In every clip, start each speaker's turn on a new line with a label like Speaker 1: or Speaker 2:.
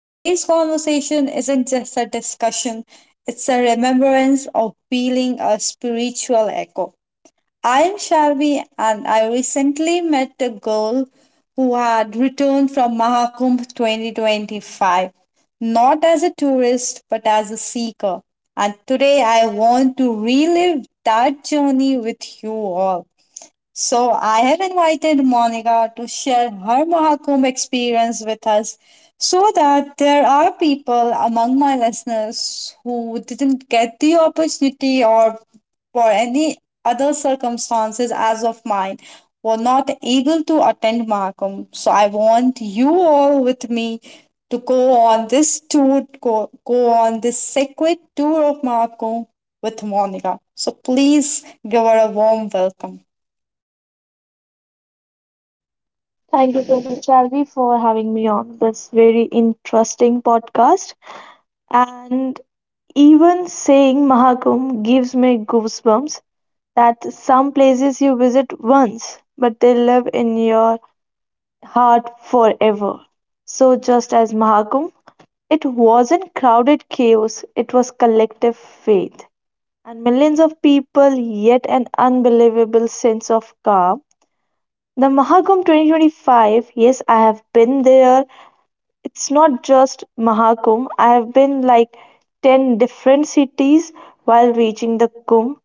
Speaker 1: Today's conversation isn't just a discussion, it's a remembrance of feeling a spiritual echo. I am Shalvi, and I recently met a girl who had returned from Mahakumbh 2025, not as a tourist but as a seeker. And today I want to relive that journey with you all. So I have invited Monica to share her Mahakumbh experience with us so that there are people among my listeners who didn't get the opportunity or for any other circumstances as of mine were not able to attend Mahakumbh. So I want you all with me to go on this tour, go on this sacred tour of Mahakumbh with Monica. So please give her a warm welcome.
Speaker 2: Thank you so much, Shalvi, for having me on this very interesting podcast. And even saying Mahakumbh gives me goosebumps that some places you visit once, but they live in your heart forever. So, just as Mahakumbh, it wasn't crowded chaos, it was collective faith. And millions of people, yet an unbelievable sense of calm. The Mahakumbh 2025, yes, I have been there. It's not just Mahakumbh, I've been like 10 different cities while reaching the Kumbh.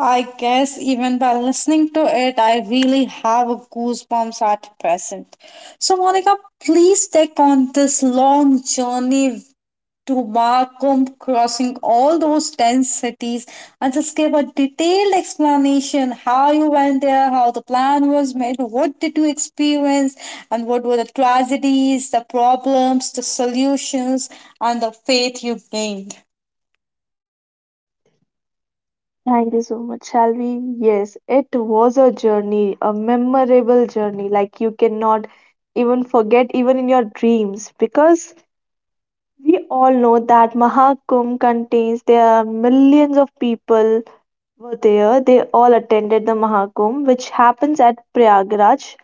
Speaker 1: I guess even by listening to it, I really have goosebumps at present. So, Monica, please take on this long journey to Markum, crossing all those 10 cities, and just give a detailed explanation how you went there, how the plan was made, what did you experience, and what were the tragedies, the problems, the solutions, and the faith you gained.
Speaker 2: Thank you so much, Shalvi. Yes, it was a journey, a memorable journey. Like you cannot even forget, even in your dreams, because we all know that Mahakumbh contains there are millions of people were there. They all attended the Mahakumbh, which happens at Prayagraj.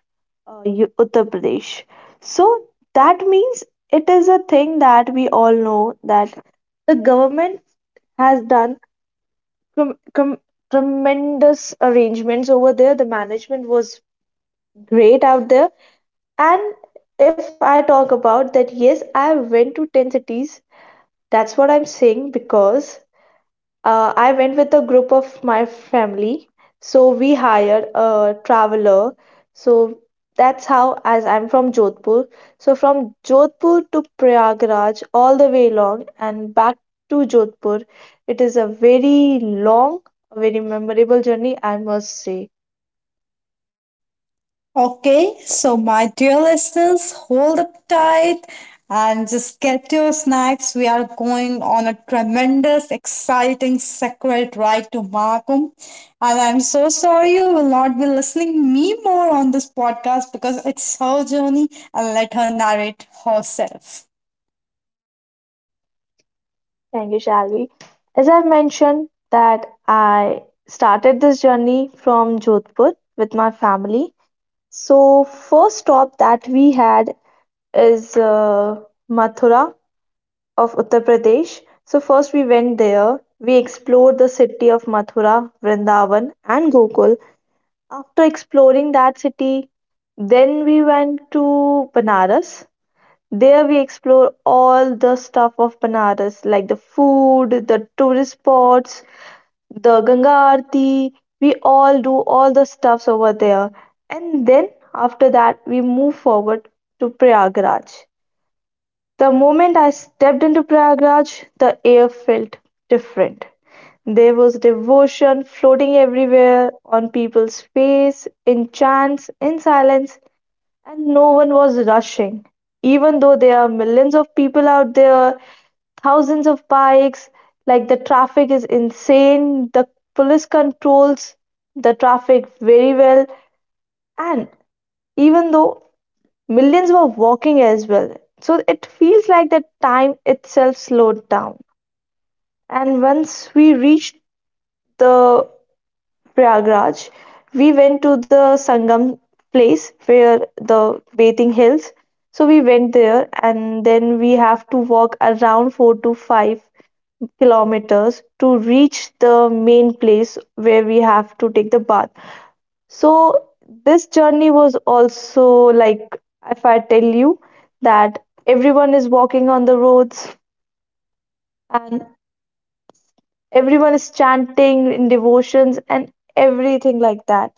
Speaker 2: Uttar Pradesh. So that means it is a thing that we all know that the government has done com- com- tremendous arrangements over there. The management was great out there. And if I talk about that, yes, I went to 10 cities. That's what I'm saying because I went with a group of my family, so we hired a traveler. So that's how, as I'm from Jodhpur, so from Jodhpur to Prayagraj all the way long and back to Jodhpur, it is a very long, very memorable journey, I must say.
Speaker 1: Okay, so my dear listeners, hold up tight and just get your snacks. We are going on a tremendous, exciting, sacred ride to Mahakum. And I'm so sorry you will not be listening me more on this podcast because it's her journey and let her narrate herself.
Speaker 2: Thank you, Shalvi. As I've mentioned, that I started this journey from Jodhpur with my family. So, first stop that we had is Mathura of Uttar Pradesh. So first we went there. We explored the city of Mathura, Vrindavan, and Gokul. After exploring that city, then we went to Banaras. There we explore all the stuff of Banaras, like the food, the tourist spots, the Ganga Aarti. We all do all the stuffs over there. And then after that, we move forward to Prayagraj. The moment I stepped into Prayagraj, the air felt different. There was devotion floating everywhere, on people's face, in chants, in silence, and no one was rushing. Even though there are millions of people out there, thousands of bikes, like the traffic is insane, the police controls the traffic very well, and even though millions were walking as well, so it feels like the time itself slowed down. And once we reached the Prayagraj, we went to the Sangam place where the bathing hills. So we went there, and then we have to walk around 4 to 5 kilometers to reach the main place where we have to take the bath. So this journey was also like if I tell you that everyone is walking on the roads and everyone is chanting in devotions and everything like that.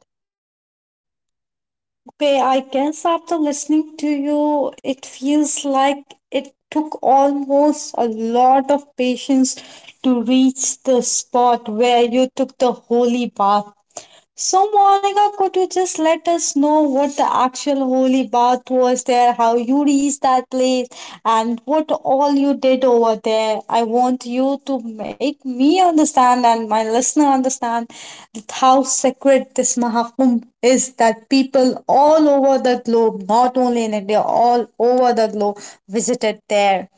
Speaker 1: Okay, I guess after listening to you, it feels like it took almost a lot of patience to reach the spot where you took the holy bath. So, Monica, could you just let us know what the actual holy bath was there, how you reached that place, and what all you did over there? I want you to make me understand and my listener understand that how sacred this Mahakumbh is that people all over the globe, not only in India, all over the globe, visited there.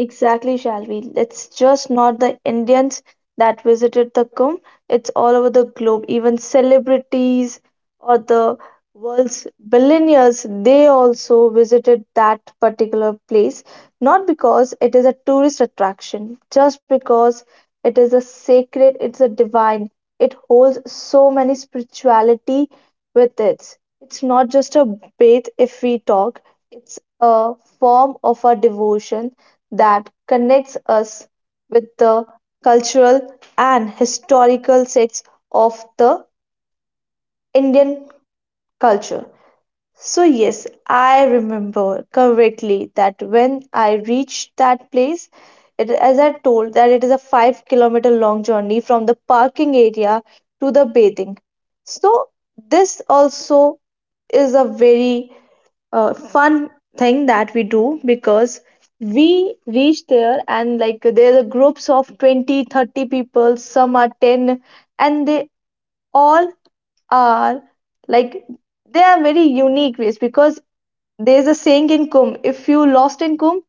Speaker 2: Exactly, Shalvi. It's just not the Indians that visited the Kumbh, it's all over the globe. Even celebrities or the world's billionaires, they also visited that particular place, not because it is a tourist attraction, just because it is a sacred, it's a divine. It holds so many spirituality with it. It's not just a bath if we talk, it's a form of our devotion that connects us with the cultural and historical sets of the Indian culture. So, yes, I remember correctly that when I reached that place, it, as I told, that it is a 5 kilometer long journey from the parking area to the bathing. So, this also is a very fun thing that we do because we reach there and like there's a groups of 20, 30 people some are 10, and they all are like they are very unique ways because there's a saying in Kum, if you lost in Kum,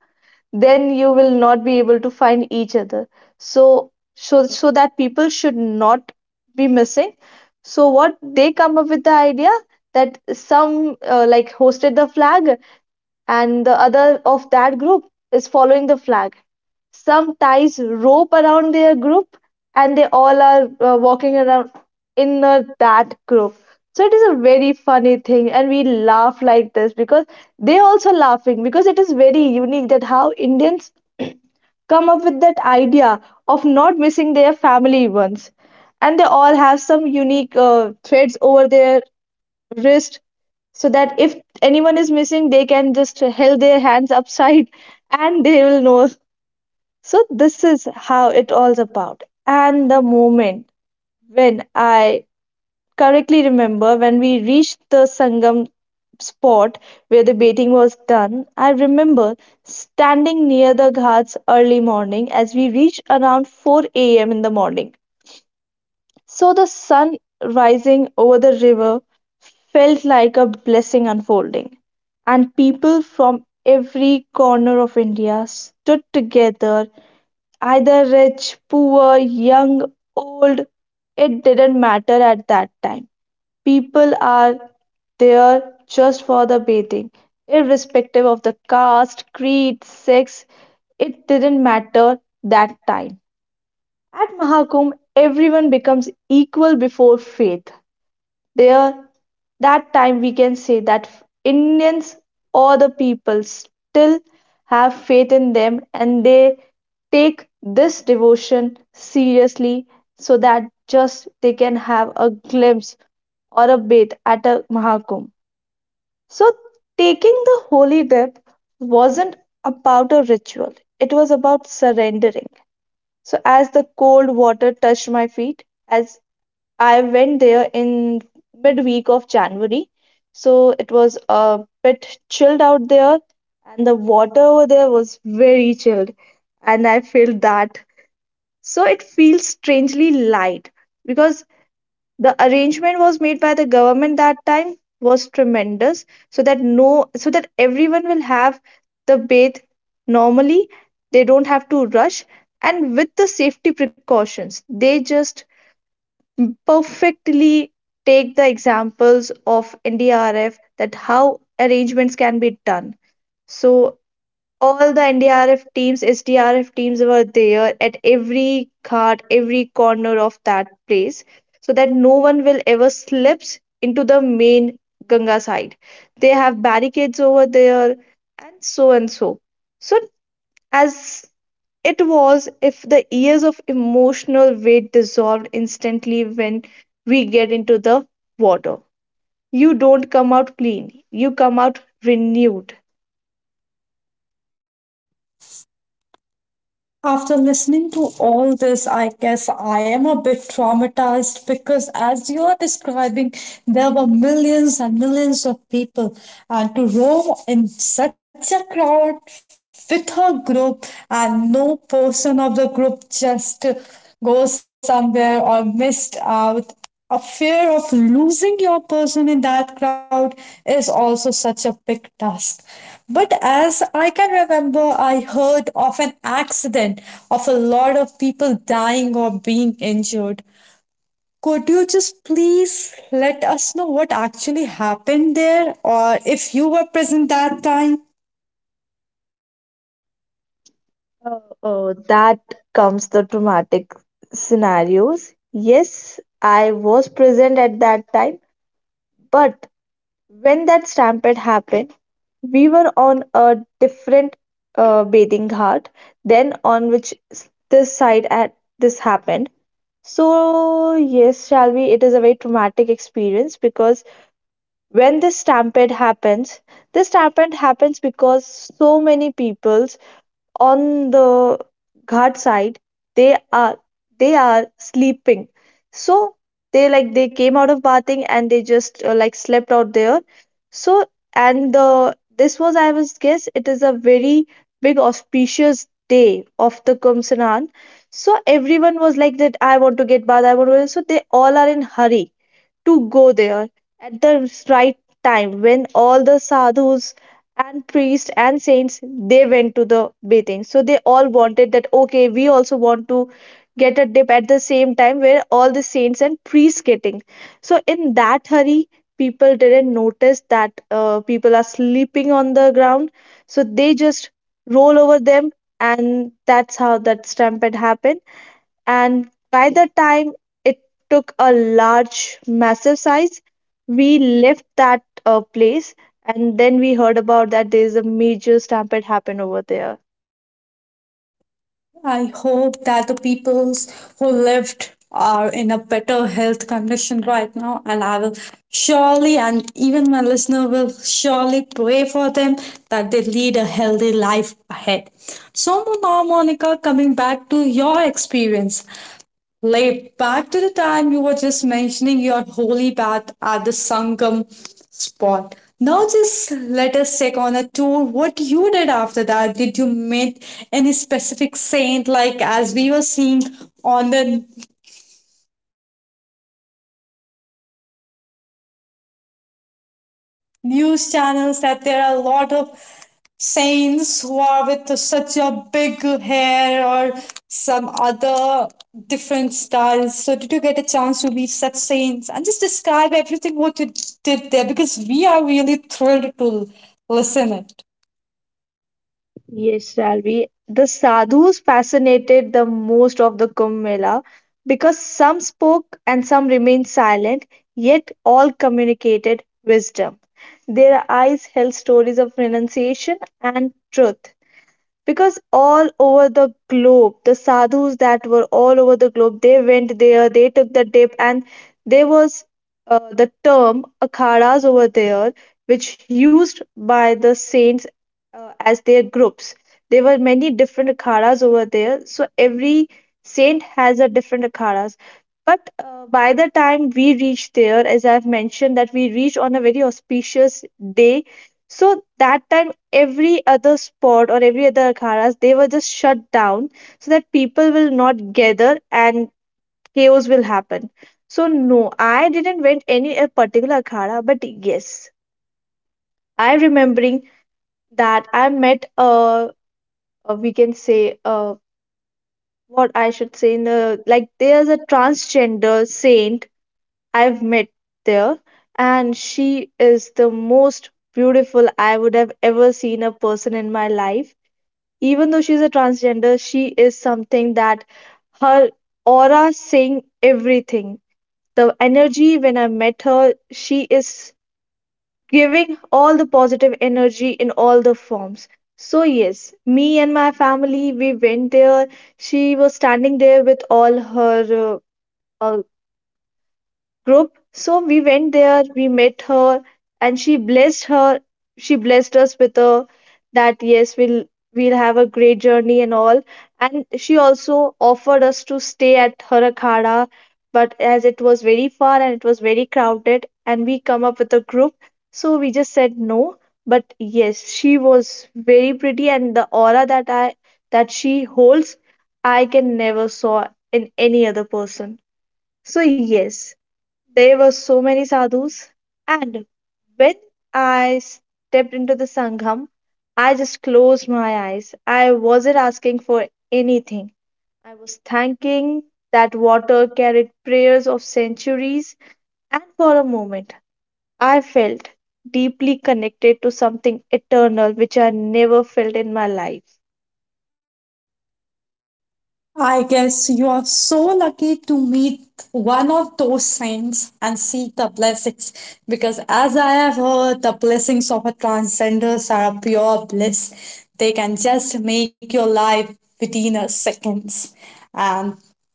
Speaker 2: then you will not be able to find each other, so that people should not be missing. So what they come up with the idea that some like hosted the flag and the other of that group is following the flag, some ties rope around their group and they all are walking around in that group. So it is a very funny thing, and we laugh like this because they also laughing because it is very unique that how Indians come up with that idea of not missing their family once, and they all have some unique threads over their wrist so that if anyone is missing, they can just held their hands upside and they will know. So this is how it all's about. And the moment when I correctly remember when we reached the Sangam spot where the bathing was done, I remember standing near the ghats early morning as we reached around 4 a.m. in the morning. So the sun rising over the river felt like a blessing unfolding, and people from every corner of India stood together, either rich, poor, young, old, it didn't matter at that time. People are there just for the bathing, irrespective of the caste, creed, sex. It didn't matter that time. At Mahakumbh, everyone becomes equal before faith there. That time we can say that Indians or the people still have faith in them, and they take this devotion seriously so that just they can have a glimpse or a bath at a Mahakumbh. So taking the holy dip wasn't about a ritual, it was about surrendering. So as the cold water touched my feet, as I went there in midweek of January, so it was a bit chilled out there, and the water over there was very chilled, and I felt that. So it feels strangely light because the arrangement was made by the government that time was tremendous, so that no, so that everyone will have the bathe normally. They don't have to rush, and with the safety precautions, they just perfectly take the examples of NDRF that how arrangements can be done. So all the NDRF teams, SDRF teams were there at every cart, every corner of that place, so that no one will ever slips into the main Ganga side. They have barricades over there, and so and so. So as it was if the years of emotional weight dissolved instantly when we get into the water. You don't come out clean, you come out renewed.
Speaker 1: After listening to all this, I guess I am a bit traumatized because, as you are describing, there were millions and millions of people, and to roam in such a crowd with her group, and no person of the group just goes somewhere or missed out a fear of losing your person in that crowd is also such a big task. But as I can remember, I heard of an accident of a lot of people dying or being injured. Could you just please let us know what actually happened there or if you were present that time?
Speaker 2: That comes the traumatic scenarios. Yes, I was present at that time, but when that stampede happened, we were on a different bathing ghat than on which this side at this happened. So, yes, Shalvi, it is a very traumatic experience because when this stampede happens because so many people on the ghat side they are they are sleeping. So they like they came out of bathing and they just like slept out there. So and the this was I was guess it is a very big auspicious day of the Kumsanan, so everyone was like that I want to get bath I want to, so they all are in hurry to go there at the right time when all the sadhus and priests and saints they went to the bathing. So they all wanted that okay we also want to get a dip at the same time where all the saints and priests getting. So in that hurry, people didn't notice that people are sleeping on the ground, so they just roll over them, and that's how that stampede happened. And by the time it took a large, massive size, we left that place, and then we heard about that there is a major stampede happened over there.
Speaker 1: I hope that the peoples who lived are in a better health condition right now, and I will surely, and even my listener will surely pray for them that they lead a healthy life ahead. So now, Monica, coming back to your experience, like back to the time you were just mentioning your holy bath at the Sangam spot. Now just let us take on a tour what you did after that. Did you meet any specific saint like as we were seeing on the news channels that there are a lot of saints who are with such a big hair or some other different styles. So, did you get a chance to meet such saints? And just describe everything what you did there because we are really thrilled to listen it.
Speaker 2: Yes, Shalvi. The sadhus fascinated the most of the Kumbh Mela because some spoke and some remained silent, yet all communicated wisdom. Their eyes held stories of renunciation and truth. Because all over the globe the sadhus that were all over the globe, they went there, they took the dip. And there was the term akhadas over there which used by the saints as their groups. There were many different akhadas over there, so every saint has a different akhadas. But by the time we reached there, as I've mentioned, that we reached on a very auspicious day. So that time every other spot or every other akhadas they were just shut down so that people will not gather and chaos will happen. So no, I didn't went any a particular akhara, but yes, I remembering that I met a we can say what I should say in the like there's a transgender saint I've met there, and she is the most beautiful I would have ever seen a person in my life. Even though she's a transgender, she is something that her aura saying everything. The energy when I met her, she is giving all the positive energy in all the forms. So yes, me and my family we went there, she was standing there with all her uh, uh, group. So we went there, we met her, and she blessed her. She blessed us with a that yes, we'll have a great journey and all. And she also offered us to stay at her akhada, but as it was very far and it was very crowded, and we come up with a group, so we just said no. But yes, she was very pretty, and the aura that I that she holds, I can never saw in any other person. So yes, there were so many sadhus, and when I stepped into the Sangham, I just closed my eyes. I wasn't asking for anything. I was thanking that water carried prayers of centuries, and for a moment, I felt deeply connected to something eternal which I never felt in my life.
Speaker 1: I guess you are so lucky to meet one of those saints and see the blessings because, as I have heard, the blessings of a transcenders are a pure bliss. They can just make your life within a seconds. And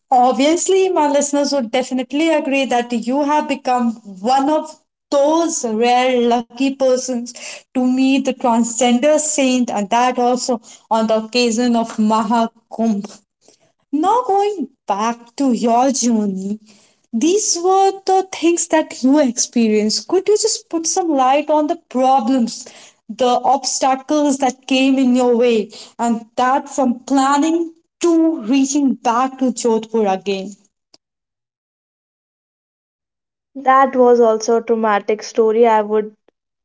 Speaker 1: obviously, my listeners would definitely agree that you have become one of those rare lucky persons to meet the transgender saint and that also on the occasion of Maha Kumbh. Now, going back to your journey, these were the things that you experienced. Could you just put some light on the problems, the obstacles that came in your way, and that from planning to reaching back to Jodhpur again?
Speaker 2: That was also a traumatic story I would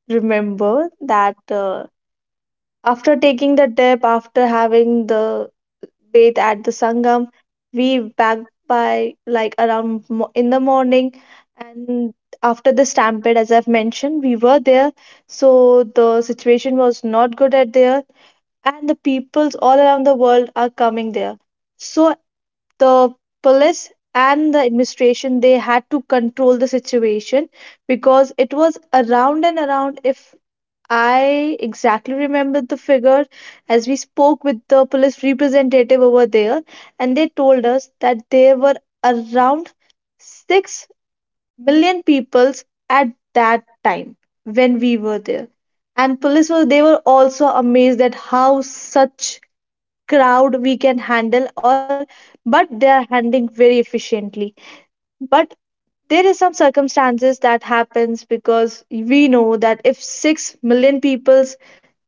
Speaker 2: remember that after taking the dip, after having the bathe at the Sangam, we back by like around in the morning. And after the stampede, as I've mentioned, we were there. So the situation was not good at there. And the peoples all around the world are coming there. So the police and the administration, they had to control the situation, because it was around and around. If I exactly remember the figure, as we spoke with the police representative over there, and they told us that there were around 6 million peoples at that time when we were there. And police were they were also amazed at how such crowd we can handle or but they are handling very efficiently. But there is some circumstances that happens, because we know that if 6 million people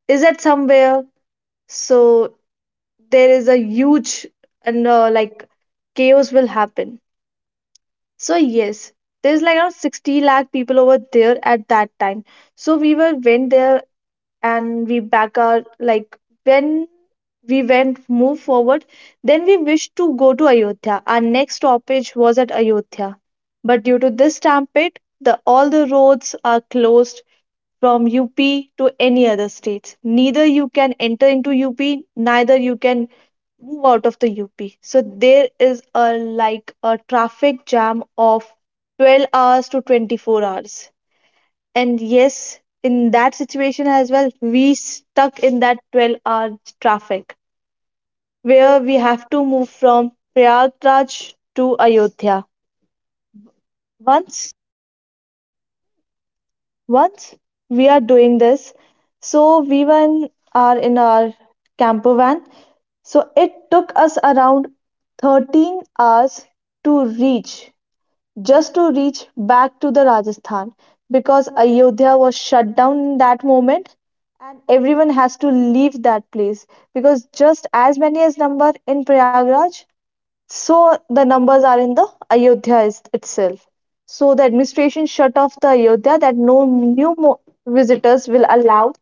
Speaker 2: is at somewhere, so there is a huge and like chaos will happen. So yes, there's like around 60 lakh people over there at that time. So we were went there, and we back our like when we went move forward, then we wished to go to Ayodhya. Our next stoppage was at Ayodhya, but due to this stampede, the all the roads are closed from UP to any other states. Neither you can enter into UP, neither you can move out of the UP. So there is a like a traffic jam of 12 hours to 24 hours. And yes, in that situation as well, we stuck in that 12-hour traffic where we have to move from Prayagraj to Ayodhya. Once Once we are doing this, so we were are in our camper van. So it took us around 13 hours to reach, just to reach back to the Rajasthan, because Ayodhya was shut down in that moment and everyone has to leave that place, because just as many as number in Prayagraj, so the numbers are in the Ayodhya is, itself. So the administration shut off the Ayodhya that no new visitors will allow.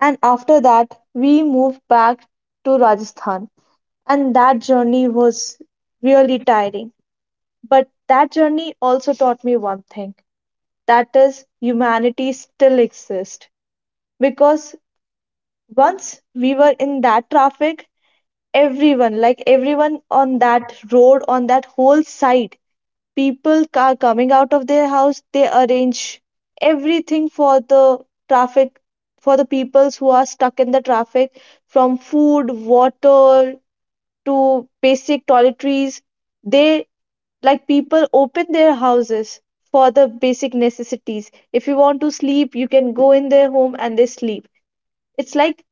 Speaker 2: And after that, we moved back to Rajasthan. And that journey was really tiring. But that journey also taught me one thing, that is, humanity still exists. Because once we were in that traffic, everyone, like everyone on that road, on that whole side, people are coming out of their house. They arrange everything for the traffic, for the peoples who are stuck in the traffic, from food, water to basic toiletries. They like people open their houses for the basic necessities. If you want to sleep, you can go in their home and they sleep. It's like,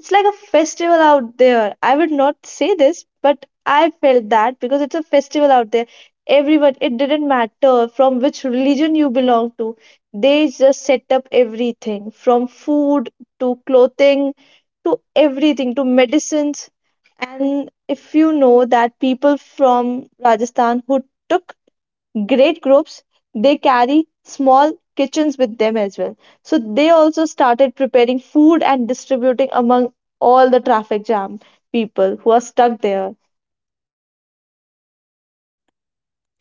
Speaker 2: it's like a festival out there. I would not say this, but I felt that, because it's a festival out there. Everyone, it didn't matter from which religion you belong to. They just set up everything, from food to clothing to everything to medicines. And if you know that people from Rajasthan who took great groups, they carry small kitchens with them as well, so they also started preparing food and distributing among all the traffic jam people who are stuck there.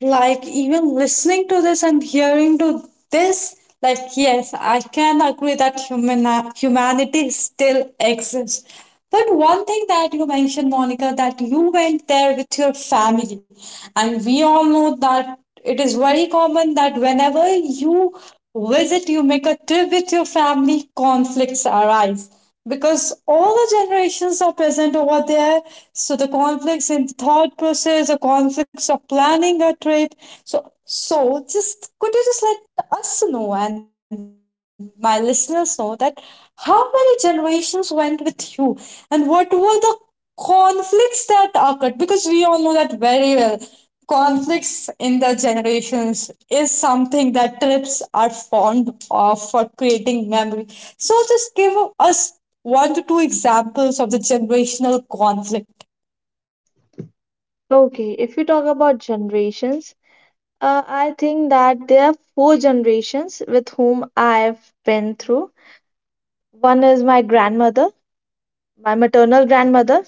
Speaker 1: Like even listening to this and hearing to this, like, yes, I can agree that humanity still exists. But one thing that you mentioned, Monica, that you went there with your family, and we all know that it is very common that whenever you visit, you make a trip with your family, conflicts arise because all the generations are present over there. So the conflicts in thought process, the conflicts of planning a trip, so just could you just let us know and my listeners know that how many generations went with you and what were the conflicts that occurred, because we all know that very well, conflicts in the generations is something that trips are formed of for creating memory. So just give us one to two examples of the generational conflict.
Speaker 2: Okay, if you talk about generations, I think that there are 4 generations with whom I've been through. One is my grandmother, my maternal grandmother,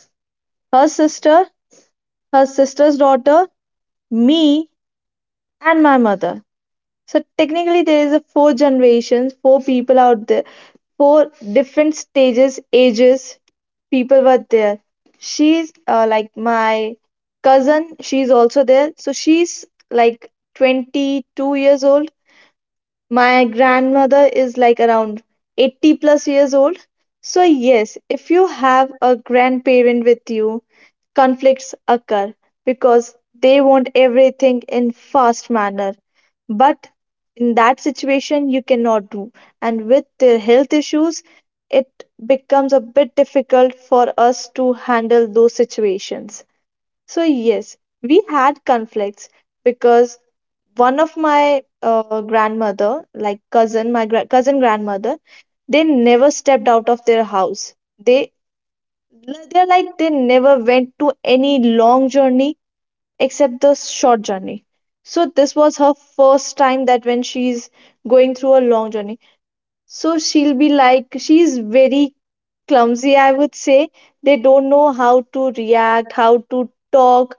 Speaker 2: her sister, her sister's daughter, me, and my mother. So technically, there is a 4 generations, 4 people out there, four different stages, ages. People were there. She's like my cousin. She's also there. So she's like 22 years old. My grandmother is like around 80 plus years old. So, yes, if you have a grandparent with you, conflicts occur because they want everything in fast manner. But in that situation, you cannot do. And with their health issues, it becomes a bit difficult for us to handle those situations. So, yes, we had conflicts because one of my grandmother, like cousin, my cousin grandmother, they never stepped out of their house. They they're like they never went to any long journey except the short journey. So this was her first time that when she's going through a long journey. So she'll be like she's very clumsy, I would say. They don't know how to react, how to talk,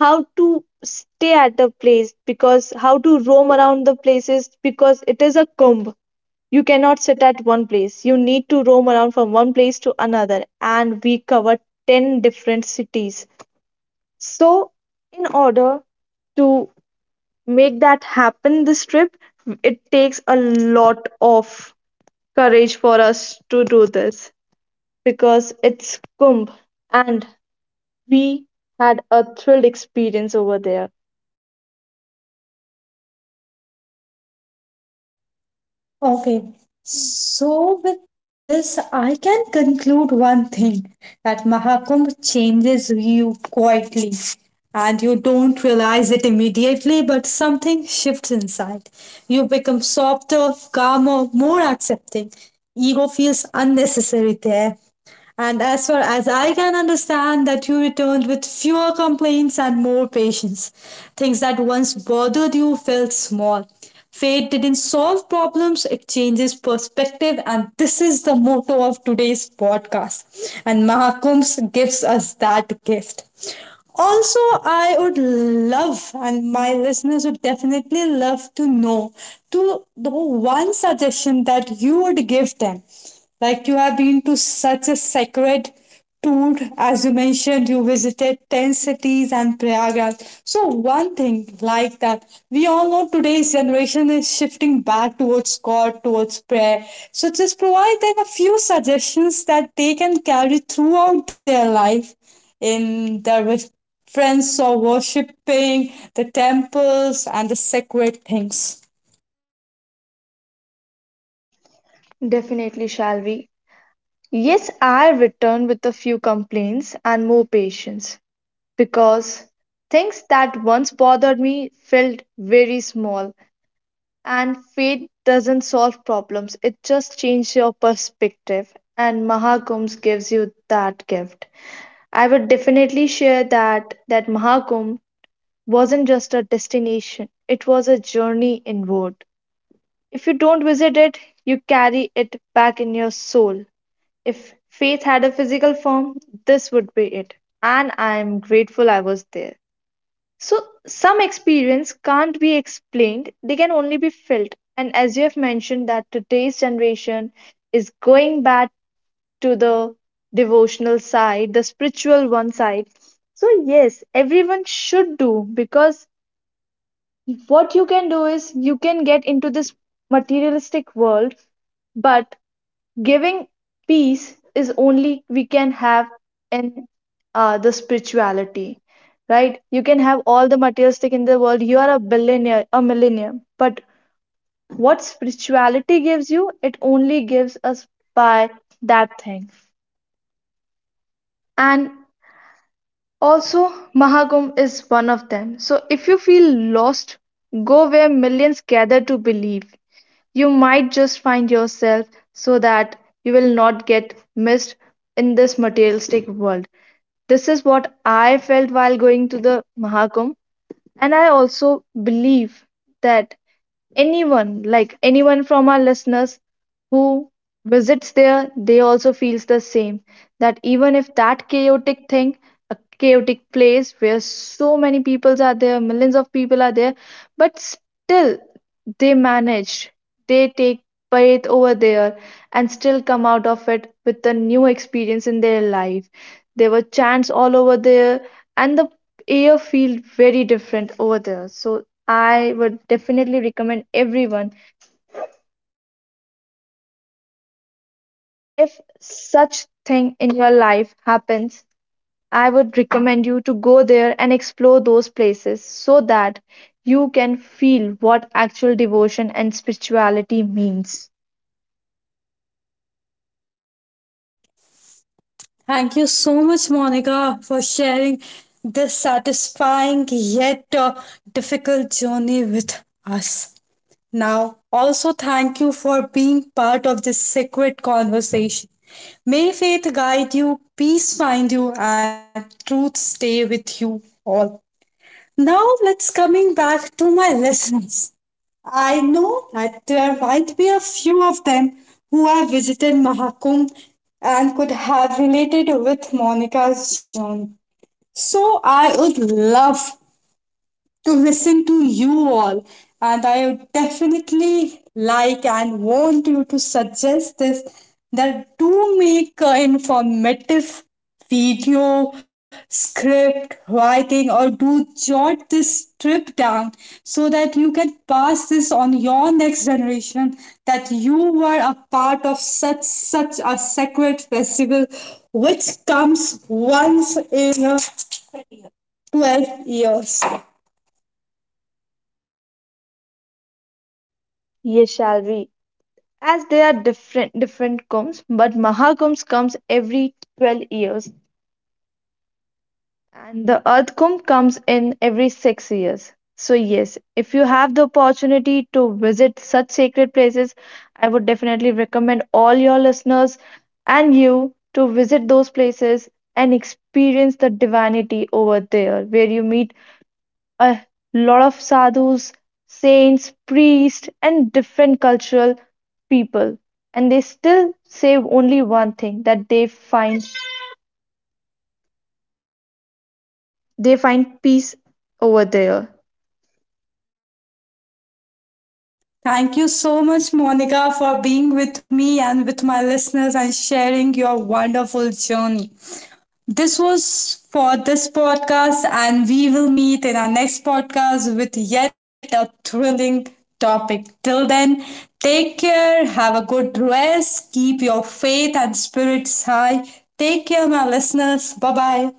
Speaker 2: how to stay at a place, because how to roam around the places, because it is a kumbh. You cannot sit at one place, you need to roam around from one place to another. And we covered 10 different cities, so in order to make that happen this trip, it takes a lot of courage for us to do this, because it's kumbh, and we had a thrilled experience over there.
Speaker 1: Okay, so with this, I can conclude one thing that Mahakumbh changes you quietly and you don't realize it immediately, but something shifts inside. You become softer, calmer, more accepting. Ego feels unnecessary there. And as far as I can understand, that you returned with fewer complaints and more patience. Things that once bothered you felt small. Fate didn't solve problems, it changes perspective, and this is the motto of today's podcast. And Mahakumbh gives us that gift. Also, I would love, and my listeners would definitely love to know, to the one suggestion that you would give them. Like you have been to such a sacred tour, as you mentioned, you visited 10 cities and Prayagraj. So, one thing like that, we all know today's generation is shifting back towards God, towards prayer. So, just provide them a few suggestions that they can carry throughout their life in there friends saw worshipping the temples and the sacred things.
Speaker 2: Definitely, shall we? Yes, I returned with a few complaints and more patience, because things that once bothered me felt very small. And fate doesn't solve problems, it just changes your perspective. And Mahakumbh gives you that gift. I would definitely share that that Mahakumbh wasn't just a destination, it was a journey inward. If you don't visit it, you carry it back in your soul. If faith had a physical form, this would be it. And I am grateful I was there. So, some experience can't be explained, they can only be felt. And as you have mentioned, that today's generation is going back to the devotional side, the spiritual one side. So, yes, everyone should do because what you can do is you can get into this materialistic world, but giving peace is only we can have in the spirituality, right? You can have all the materialistic in the world. You are a billionaire, a millionaire, but what spirituality gives you, it only gives us by that thing. And also, Mahakumbh is one of them. So if you feel lost, go where millions gather to believe. You might just find yourself, so that you will not get missed in this materialistic world. This is what I felt while going to the Mahakumbh, and I also believe that anyone like anyone from our listeners who visits there they also feels the same, that even if that chaotic thing, a chaotic place where so many peoples are there, millions of people are there, but still they manage, they take bath over there and still come out of it with a new experience in their life. There were chants all over there, and the air feel very different over there. So I would definitely recommend everyone, if such thing in your life happens, I would recommend you to go there and explore those places, so that you can feel what actual devotion and spirituality means.
Speaker 1: Thank you so much, Monica, for sharing this satisfying yet difficult journey with us. Now, also thank you for being part of this sacred conversation. May faith guide you, peace find you, and truth stay with you all. Now, let's coming back to my listeners. I know that there might be a few of them who have visited Mahakumbh and could have related with Monica's journey. So I would love to listen to you all. And I would definitely like and want you to suggest this, that do make a informative video, script, writing, or do jot this trip down so that you can pass this on your next generation that you were a part of such a sacred festival which comes once in a 12 years.
Speaker 2: Yes, shall we? As they are different different comes, but Mahakumbh comes every 12 years and the earth kumbh comes in every 6 years. So yes, if you have the opportunity to visit such sacred places, I would definitely recommend all your listeners and you to visit those places and experience the divinity over there, where you meet a lot of sadhus, saints, priests and different cultural people, and they still say only one thing, that they find, they find peace over there.
Speaker 1: Thank you so much, Monica, for being with me and with my listeners and sharing your wonderful journey. This was for this podcast, and we will meet in our next podcast with yet a thrilling topic. Till then, take care, have a good rest, keep your faith and spirits high. Take care, my listeners. Bye bye.